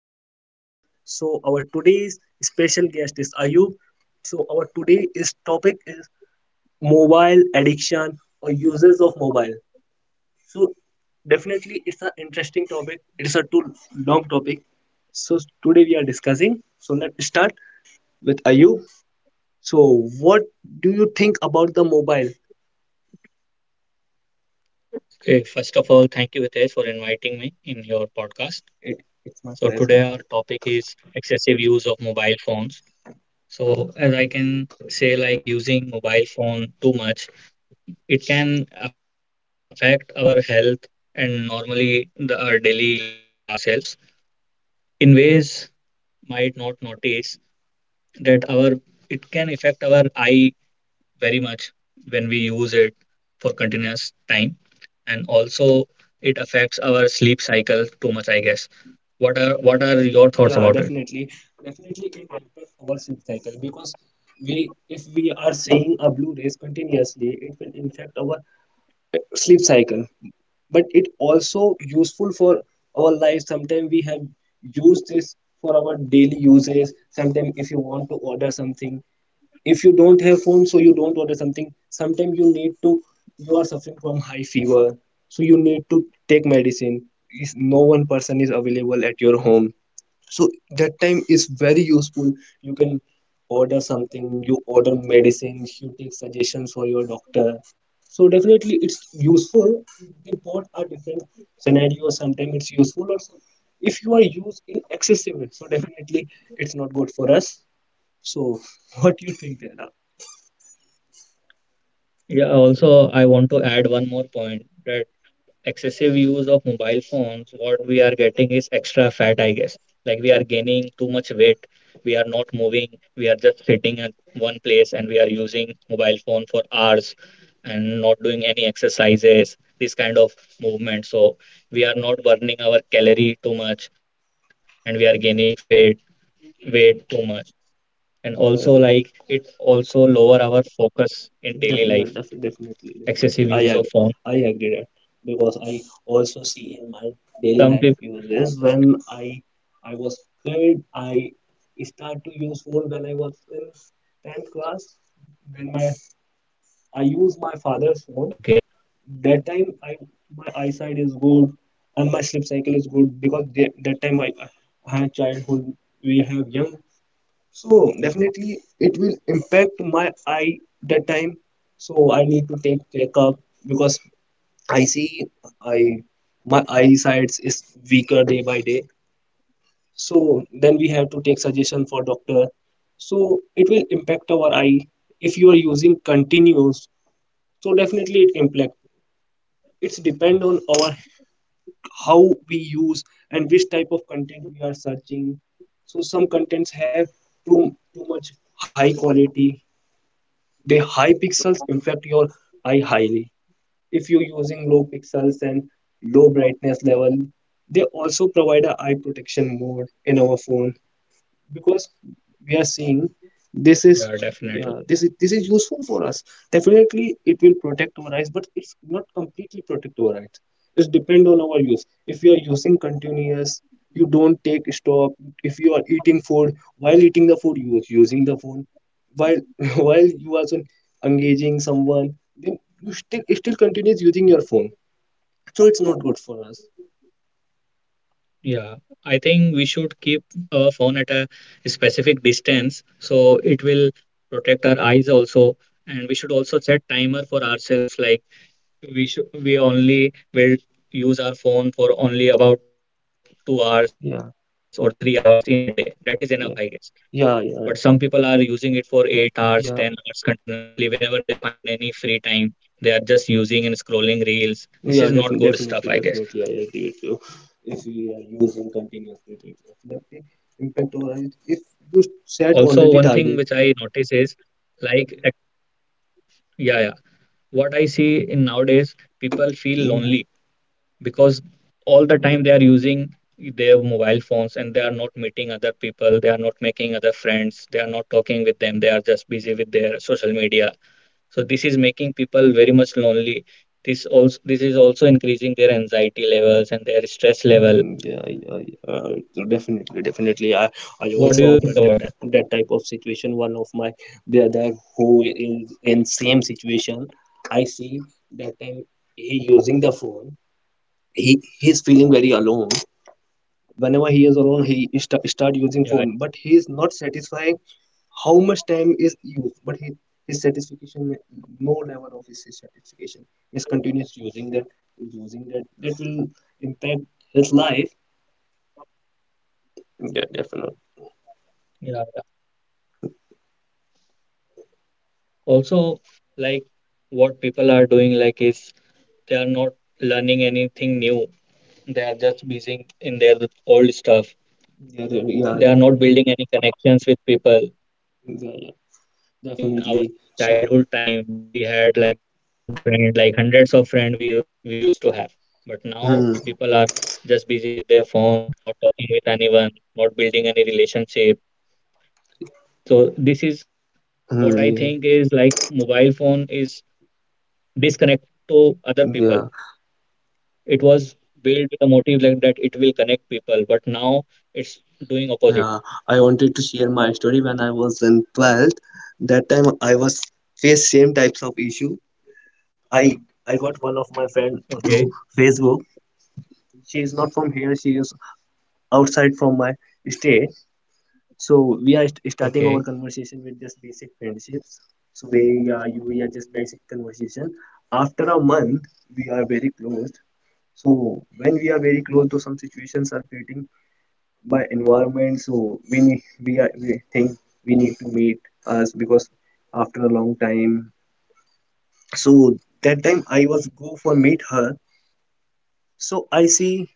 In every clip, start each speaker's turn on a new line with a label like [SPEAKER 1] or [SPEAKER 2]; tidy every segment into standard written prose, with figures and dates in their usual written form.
[SPEAKER 1] this podcast. So our today's special guest is Ayub. So our today's topic is mobile addiction or users of mobile. So definitely it's an interesting topic. It is a too long topic. So today we are discussing. So let's start with Ayub. So what do you think about the mobile?
[SPEAKER 2] Okay, first of all, thank you, Hitesh, for inviting me in your podcast.
[SPEAKER 1] It, it's my pleasure.
[SPEAKER 2] So today our topic is excessive use of mobile phones. So, as I can say, like using mobile phone too much, it can affect our health and normally our daily life of ourselves in ways might not notice that our it can affect our eye very much when we use it for continuous time, and also it affects our sleep cycle too much, I guess. What are your
[SPEAKER 1] Yeah,
[SPEAKER 2] thoughts about it?
[SPEAKER 1] definitely. Definitely it impacts our sleep cycle because we if we are seeing a blue rays continuously, it will impact our sleep cycle. But it also useful for our life. Sometimes we have used this for our daily uses. Sometimes if you want to order something, if you don't have phone, so you don't order something. Sometimes you need to you are suffering from high fever, so you need to take medicine. Is no one person is available at your home, so that time is very useful. You can order something, you order medicine, you take suggestions for your doctor. So definitely it's useful. They both are different scenarios. Sometimes it's useful, or if you are used in excessive it, so definitely it's not good for us. So what do you think?
[SPEAKER 2] Yeah, also I want to add one more point that excessive use of mobile phones, what we are getting is extra fat, I guess. Like we are gaining too much weight, we are not moving, we are just sitting at one place and we are using mobile phone for hours and not doing any exercises, this kind of movement. So we are not burning our calorie too much and we are gaining fat weight too much. And also,
[SPEAKER 1] there
[SPEAKER 2] like, it also lower our focus in daily
[SPEAKER 1] Def
[SPEAKER 2] life
[SPEAKER 1] yeah, def definitely,
[SPEAKER 2] excessive
[SPEAKER 1] definitely.
[SPEAKER 2] use of phone
[SPEAKER 1] I agree that because I also see in my
[SPEAKER 2] some
[SPEAKER 1] daily
[SPEAKER 2] people.
[SPEAKER 1] life uses. When I was kid, I start to use phone when I was in 10th class. When my I use my
[SPEAKER 2] Okay.
[SPEAKER 1] father's phone. That time I my eyesight is good and my sleep cycle is good because that time I had childhood. We have young, so definitely it will impact my eye that time. So I need to take checkup because I see I my eyesight is weaker day by day. So then we have to take suggestion for doctor. So it will impact our eye if you are using continuous. So definitely it impact. It's depend on our how we use and which type of content we are searching. So some contents have too much high quality. They high pixels affect your eye highly. If you're using low pixels and low brightness level, they also provide a eye protection mode in our phone because we are seeing this is
[SPEAKER 2] Yeah, definitely.
[SPEAKER 1] yeah, this is useful for us. Definitely it will protect our eyes, but it's not completely protect our eyes. It depend on our use. If you are using continuous, you don't take stop. If you are eating food, while eating the food you are using the phone, while while you are engaging someone, then you still continues using your phone. So it's not good for us.
[SPEAKER 2] Yeah, I think we should keep a phone at a specific distance so it will protect our eyes also. And we should also set timer for ourselves. Like we only will use our phone for only about 2 hours
[SPEAKER 1] Yeah,
[SPEAKER 2] or 3 hours in a day. That is enough, I guess.
[SPEAKER 1] yeah,
[SPEAKER 2] But some
[SPEAKER 1] yeah,
[SPEAKER 2] people
[SPEAKER 1] yeah,
[SPEAKER 2] are using it for 8 hours, 10 hours
[SPEAKER 1] yeah.
[SPEAKER 2] continuously. Whenever they find any free time, they are just using and scrolling reels. This is not good stuff,
[SPEAKER 1] Yeah,
[SPEAKER 2] I guess.
[SPEAKER 1] definitely, definitely, definitely. I agree with you. If we are using continuously, it will definitely impact our health. If
[SPEAKER 2] Also,
[SPEAKER 1] you
[SPEAKER 2] one thing
[SPEAKER 1] set
[SPEAKER 2] which I
[SPEAKER 1] already
[SPEAKER 2] notice
[SPEAKER 1] target.
[SPEAKER 2] is like, ac- yeah, yeah. What I see in nowadays, people feel lonely
[SPEAKER 1] Mm,
[SPEAKER 2] because all the time they are using their mobile phones and they are not meeting other people. They are not making other friends. They are not talking with them. They are just busy with their social media. So this is making people very much lonely. This is also increasing their anxiety levels and their stress level.
[SPEAKER 1] mm, yeah, yeah, yeah. So definitely, definitely.
[SPEAKER 2] What do you
[SPEAKER 1] I
[SPEAKER 2] think about it?
[SPEAKER 1] also have that type of situation. One of my brother who is in same situation. I see that time he using the phone. He's feeling very alone. Whenever he is alone, he start using
[SPEAKER 2] Yeah,
[SPEAKER 1] phone, but
[SPEAKER 2] I-
[SPEAKER 1] he is not satisfied how much time is used. But his satisfaction, no level of his satisfaction is continuous using that. That will impact his life. Yeah, definitely.
[SPEAKER 2] yeah, yeah. Also, like, what people are doing, like, is they are not learning anything new. They are just busy in their
[SPEAKER 1] Yeah,
[SPEAKER 2] old stuff.
[SPEAKER 1] yeah,
[SPEAKER 2] They are not building any connections
[SPEAKER 1] yeah,
[SPEAKER 2] with
[SPEAKER 1] yeah,
[SPEAKER 2] people. Like, in
[SPEAKER 1] definitely.
[SPEAKER 2] our
[SPEAKER 1] So,
[SPEAKER 2] childhood time we had like multiple friends, like hundreds of friends we used to have. But now people
[SPEAKER 1] hmm,
[SPEAKER 2] are just busy with their phone, not talking with anyone, not building any relationship. So this is what
[SPEAKER 1] hmm,
[SPEAKER 2] I
[SPEAKER 1] yeah,
[SPEAKER 2] think is, like, mobile phone is disconnected to other
[SPEAKER 1] yeah,
[SPEAKER 2] people. It was built with a motive like that it will connect people, but now it's
[SPEAKER 1] yeah.
[SPEAKER 2] doing
[SPEAKER 1] I
[SPEAKER 2] opposite.
[SPEAKER 1] wanted to share my story when I was in 12th. That time I was faced same types of issue. I i got one of my friend through Facebook.
[SPEAKER 2] Okay.
[SPEAKER 1] She is not from here. She is outside from my state. So we are starting our conversation with just
[SPEAKER 2] Okay.
[SPEAKER 1] basic friendships. So we are you we are just basic conversation. After a month, we are very close. So when we are very close, to some situations are creating by environment, so we think we need to meet us because after a long time. So that time I was go for meet her. So I see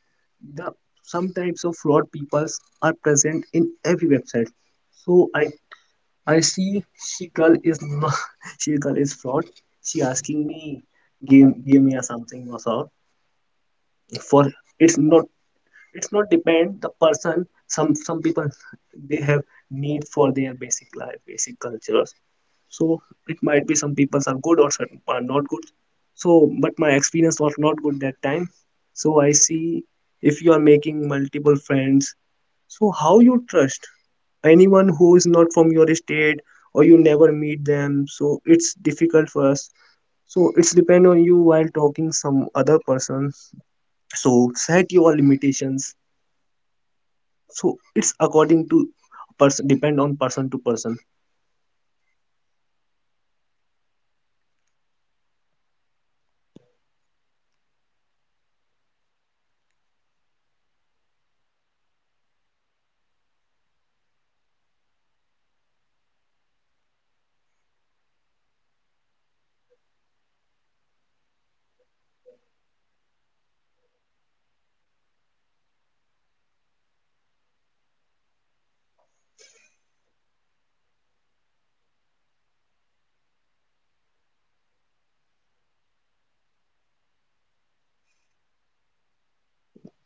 [SPEAKER 1] the some types of fraud peoples are present in every website. So I see she girl is not she girl is fraud. She asking me give me a something or so for it's not it's not depend the person. Some people, they have need for their basic life, basic cultures. So it might be some people are good or certain are not good. So but my experience was not good that time. So I see, if you are making multiple friends, so how you trust anyone who is not from your state, or you never meet them, so it's difficult for us. So it's depend on you while talking some other person. So set your limitations. So it's according to person, depend on person to person.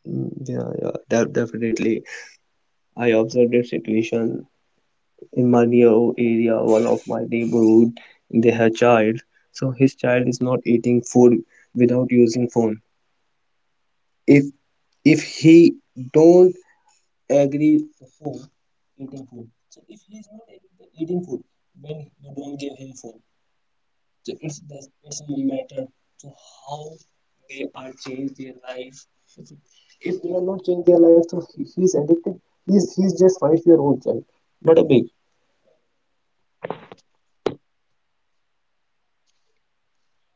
[SPEAKER 1] Mm, yeah, yeah, definitely. I observed a situation in my near area. One of my neighborhood, they have child. So his child is not eating food without using phone. if if he don't agree for food eating food, so if he is not eating food, then you don't give him food. So it doesn't matter to how they are change their life. If, if they are not change their life, so he's addicted. He's just 5-year-old child, not a big.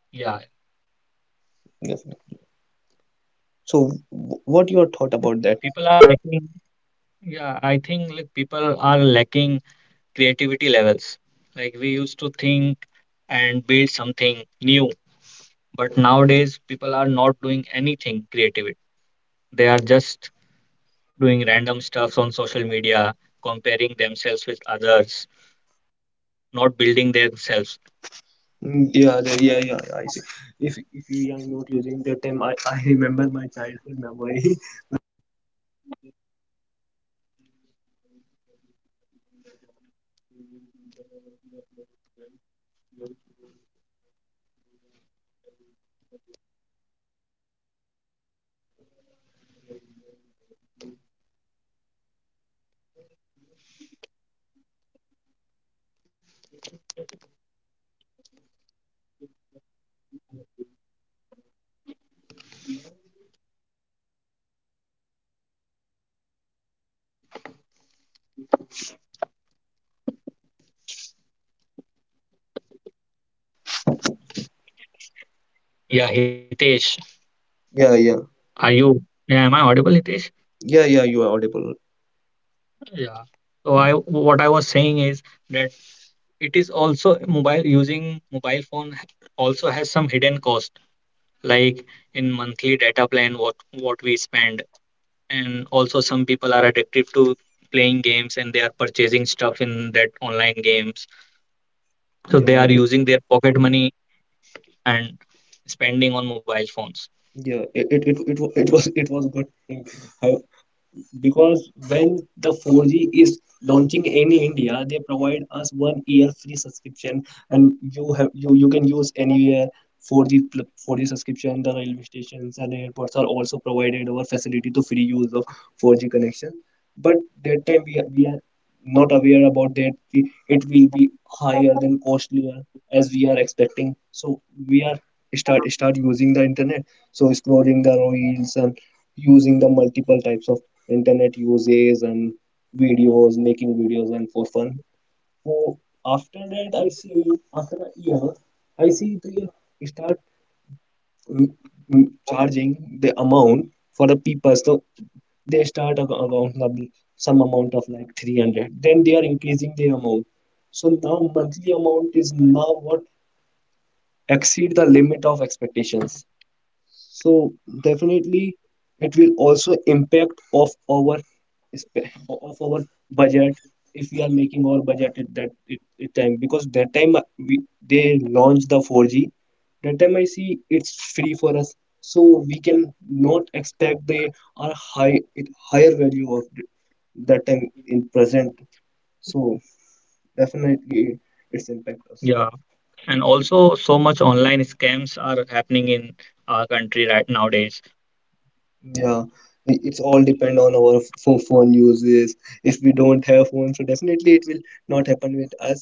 [SPEAKER 2] Yeah,
[SPEAKER 1] Yes. So what your thought about that?
[SPEAKER 2] people are lacking. Yeah, I think, like, people are lacking creativity levels. Like, we used to think and build something new, but nowadays people are not doing anything creative. They are just doing random stuffs on social media, comparing themselves with others, not building themselves.
[SPEAKER 1] Mm, yeah, yeah, yeah, yeah. I see. If we are not using the term, I remember my childhood memory.
[SPEAKER 2] Yeah, Hitesh,
[SPEAKER 1] Yeah, yeah,
[SPEAKER 2] are you? Yeah, am I audible, Hitesh?
[SPEAKER 1] yeah, yeah. You are audible.
[SPEAKER 2] Yeah. So I what I was saying is that it is also mobile using mobile phone h- also has some hidden cost, like in monthly data plan what we spend, and also some people are addicted to playing games and they are purchasing stuff in that online games, so they
[SPEAKER 1] Yeah,
[SPEAKER 2] are
[SPEAKER 1] it
[SPEAKER 2] using their pocket money and spending on mobile phones.
[SPEAKER 1] yeah, it was good thing. I, because when the 4G is launching in India, they provide us one year free subscription, and you have you you can use anywhere. 4G subscription, the railway stations and airports are also provided our facility to free use of 4G connection. But that time we are not aware about that ki it will be higher than costlier as we are expecting. So we are start using the internet. So scrolling the reels and using the multiple types of internet uses and videos, making videos and for fun. So after that, I see after a year, I see they start mm, charging the amount for the people. So they start around some amount of like 300. Then they are increasing the amount. So now monthly amount is now what exceed the limit of expectations. So definitely it will also impact of our of our budget if we are making our budget at that it time, because that time they launched the 4G. That time I see it's free for us, so we can not expect the higher value of that time in present. So definitely it's impact us.
[SPEAKER 2] Yeah, and also so much online scams are happening in our country right nowadays.
[SPEAKER 1] Yeah, it's all depend on our phone uses. If we don't have phone, so definitely it will not happen with us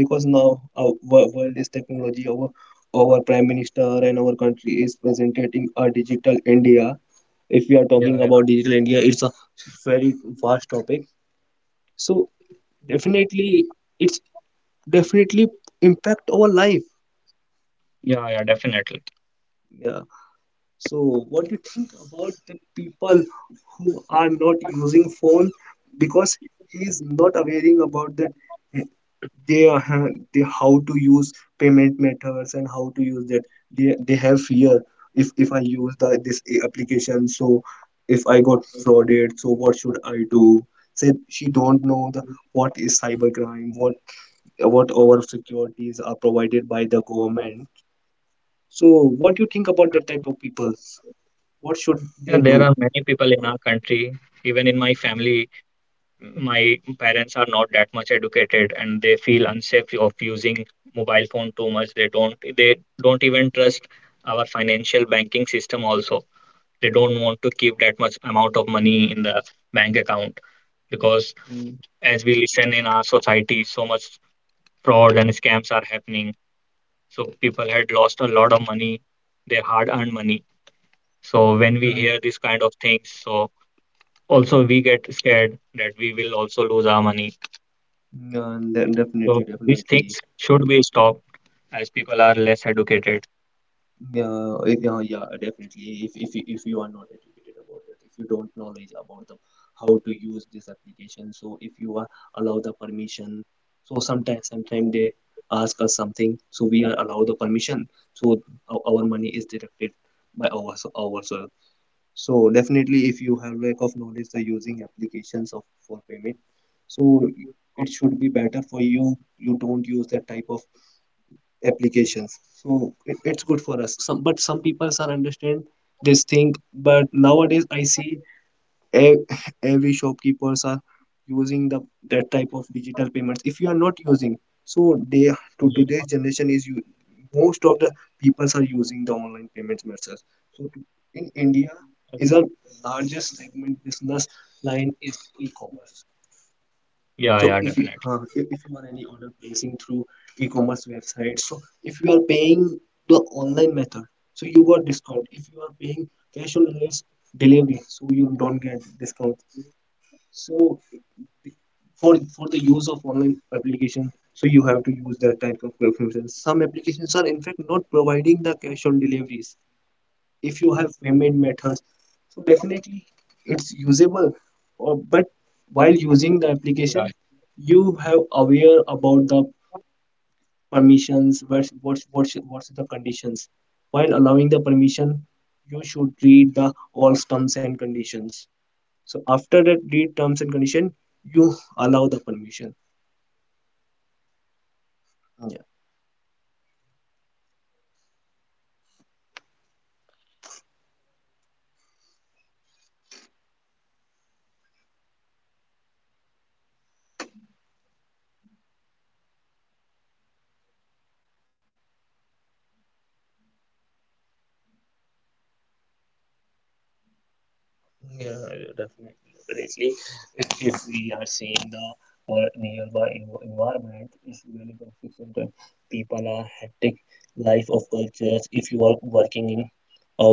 [SPEAKER 1] because now our world is technology. Our prime minister and our country is presenting a digital India. If we are
[SPEAKER 2] Yeah,
[SPEAKER 1] talking
[SPEAKER 2] yeah,
[SPEAKER 1] about digital India, it's a very vast topic. So definitely, it's definitely impact our life.
[SPEAKER 2] yeah, yeah, definitely.
[SPEAKER 1] Yeah. So, what do you think about the people who are not using phone because he is not aware about that, eh, they how to use payment methods and how to use that. They have fear. If I use the this application, so if I got frauded, so what should I do? Said she don't know the what is cybercrime, what our securities are provided by the government. So, what do you think about that type of people? What should
[SPEAKER 2] Yeah,
[SPEAKER 1] they
[SPEAKER 2] there are
[SPEAKER 1] do?
[SPEAKER 2] many people in our country, even in my family, my parents are not that much educated and they feel unsafe of using mobile phone too much. They don't even trust our financial banking system also. They don't want to keep that much amount of money in the bank account, because
[SPEAKER 1] Mm,
[SPEAKER 2] as we listen in our society, so much fraud and scams are happening. So people had lost a lot of money, their hard-earned money. So when we
[SPEAKER 1] mm,
[SPEAKER 2] hear this kind of things, so also, we get scared that we will also lose our money. So
[SPEAKER 1] definitely,
[SPEAKER 2] these
[SPEAKER 1] definitely.
[SPEAKER 2] things should be stopped as people are less educated.
[SPEAKER 1] Yeah. if, yeah, yeah, definitely. If you are not educated about it, if you don't knowledge about the how to use this application, so if you are allow the permission, so sometimes they ask us something, so we are allow the permission, so our money is deducted by ours ourselves. So definitely, if you have lack of knowledge the using applications of for payment, so it should be better for you. You don't use that type of applications. So it's good for us. Some but some people are understand this thing. But nowadays, I see ev- every shopkeepers are using the that type of digital payments. If you are not using, so they to
[SPEAKER 2] Yeah,
[SPEAKER 1] today's generation is you, most of the peoples are using the online payments methods. So in India is our largest segment business line is e-commerce. So
[SPEAKER 2] yeah,
[SPEAKER 1] if you
[SPEAKER 2] yeah, definitely.
[SPEAKER 1] if you are any order placing through e-commerce websites, so if you are paying the online method, so you got discount. If you are paying cash on delivery, so you don't get discount. So for the use of online application, so you have to use that type of preferences. Some applications are in fact not providing the cash on deliveries. If you have payment methods, so definitely it's usable. Or, but while
[SPEAKER 2] Yeah.
[SPEAKER 1] using the application, you have aware about the permissions, what's the conditions. While allowing the permission, you should read the all terms and conditions. So after that read terms and condition, you allow the permission. Yeah, yeah, definitely, definitely. If we are seeing the nearby environment is really confusing. That people are hectic life of cultures. If you are working in a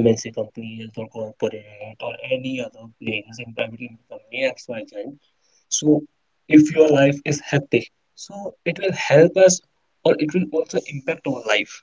[SPEAKER 1] MNC companies or corporate or any other place in private limited company XYZ. So if your life is hectic, so it will help us or it will also impact our life.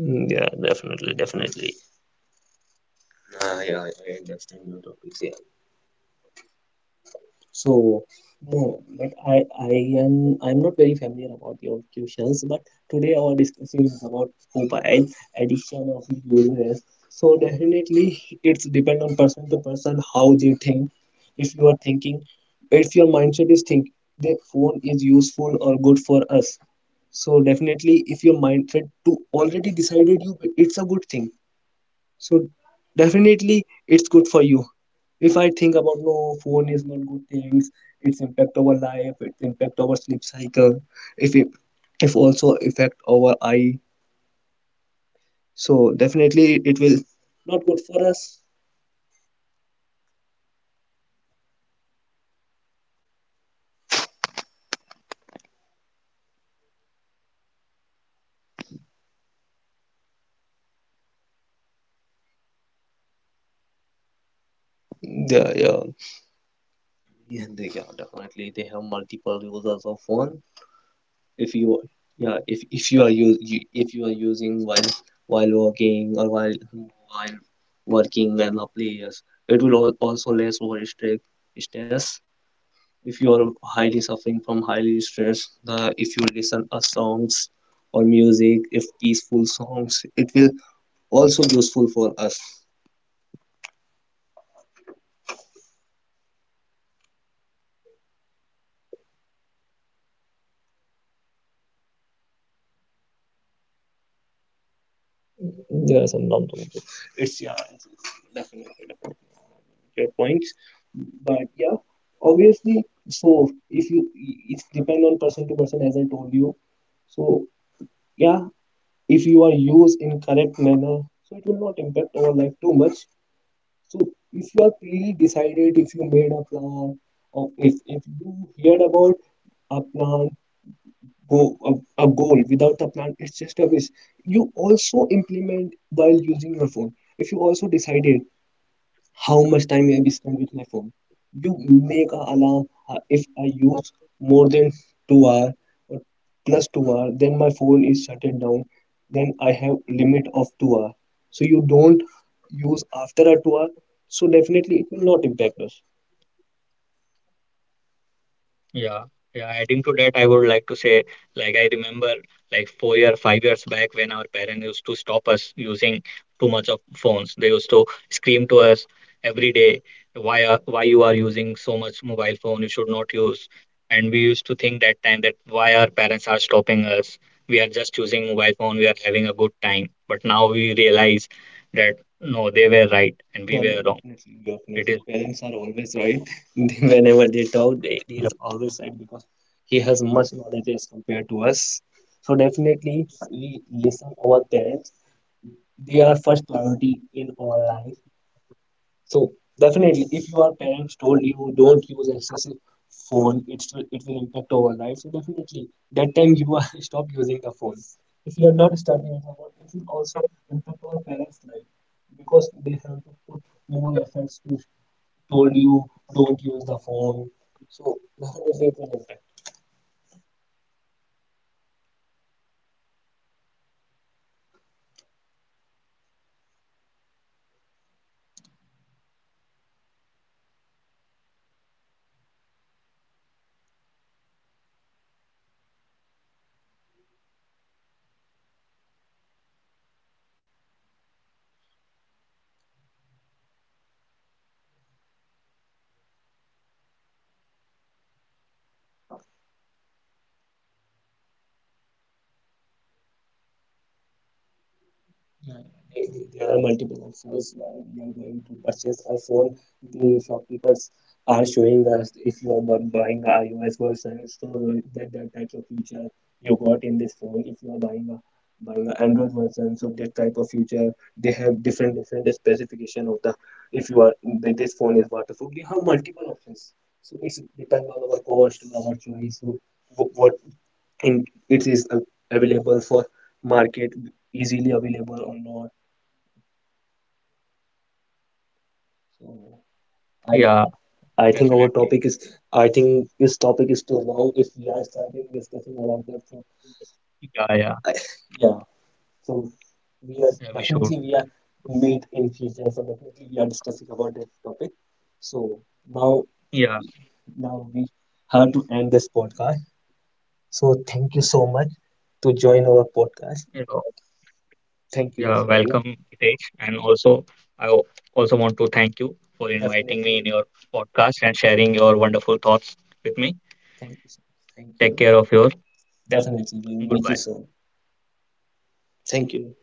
[SPEAKER 1] Mm, yeah, definitely, definitely. Yeah, I understand your topics. So no, but I'm not very familiar about your questions, but today our discussion is about mobile addiction of users. So definitely it's depend on person to person how they think. If you are thinking, if your mindset is think the phone is useful or good for us. So definitely if your mindset to already decided you it's a good thing, so definitely it's good for you. If I think about no phone is not good things, its impact our life, its impact our sleep cycle, if it if also affect our eye. So definitely it will not good for us. Yeah, yeah. Yeah, definitely they have multiple users of phone. If you yeah if you are use if you are using while working or while working and the players, it will also less over stress. If you are highly suffering from highly stress the, if you listen a songs or music, if peaceful songs, it will also useful for us. Yeah, sometimes it's yeah, it's definitely your points, but yeah, obviously. So if you, it's depend on person to person, as I told you. So yeah, if you are used in correct manner, so it will not impact our life too much. So if you are really decided, if you made a plan, or if you heard about a plan, go a goal without a plan it's just a wish. You also implement while using your phone. If you also decided how much time I will spend with my phone. You make a alarm, if I use more than 2 hours or plus 2 hours, then my phone is shut it down. Then I have limit of 2 hours. So you don't use after a 2 hours. So definitely it will not impact us.
[SPEAKER 2] Yeah, yeah. Adding to that, I would like to say, like, I remember, like, 4 year, 5 years back, when our parents used to stop us using too much of phones. They used to scream to us every day, "Why you are using so much mobile phone? You should not use." And we used to think that time that why our parents are stopping us. We are just using mobile phone. We are having a good time. But now we realize that no, they were right and we
[SPEAKER 1] Yeah,
[SPEAKER 2] were wrong.
[SPEAKER 1] definitely,
[SPEAKER 2] It
[SPEAKER 1] definitely.
[SPEAKER 2] is.
[SPEAKER 1] Parents are always right. Whenever they talk, they, he is
[SPEAKER 2] Yep.
[SPEAKER 1] always right because he has much knowledge as compared to us. So definitely, we listen our parents, they are first priority in our life. So definitely, if your parents told you don't use excessive phone, it will impact our life. So definitely, that time you are stop using the phone. If you are not stopping the phone, it will also impact our parents' life because they have to put more efforts to told you don't use the phone. So definitely, it will impact. There are multiple offers now. We are going to purchase a phone. The shopkeepers are showing us if you are buying a iOS version, so that type of feature you got in this phone. If you are buying a buying an Android version, so that type of feature, they have different specification of the, if you are, that this phone is waterproof. We have multiple options, so it's depend on our cost, on our choice. So what in it is available for market, easily available or not. So
[SPEAKER 2] Yeah,
[SPEAKER 1] I think our
[SPEAKER 2] definitely.
[SPEAKER 1] topic is, I think this topic is too long if we are starting discussing about that. So
[SPEAKER 2] Yeah, yeah.
[SPEAKER 1] I, yeah, so we are
[SPEAKER 2] Yeah, we should.
[SPEAKER 1] definitely we are meet in future, so definitely we are discussing about this topic. So now,
[SPEAKER 2] Yeah,
[SPEAKER 1] now we have to end this podcast. So thank you so much to join our podcast.
[SPEAKER 2] you know,
[SPEAKER 1] Thank you,
[SPEAKER 2] yeah,
[SPEAKER 1] Mr. Ayub.
[SPEAKER 2] welcome, Hitesh. And also, I o- also want to thank you for inviting me in
[SPEAKER 1] Definitely.
[SPEAKER 2] your podcast and sharing your wonderful thoughts with me.
[SPEAKER 1] Thank you so much. Thank
[SPEAKER 2] Take
[SPEAKER 1] you.
[SPEAKER 2] care of yourself.
[SPEAKER 1] Definitely, we'll meet you
[SPEAKER 2] Goodbye.
[SPEAKER 1] soon. Thank you.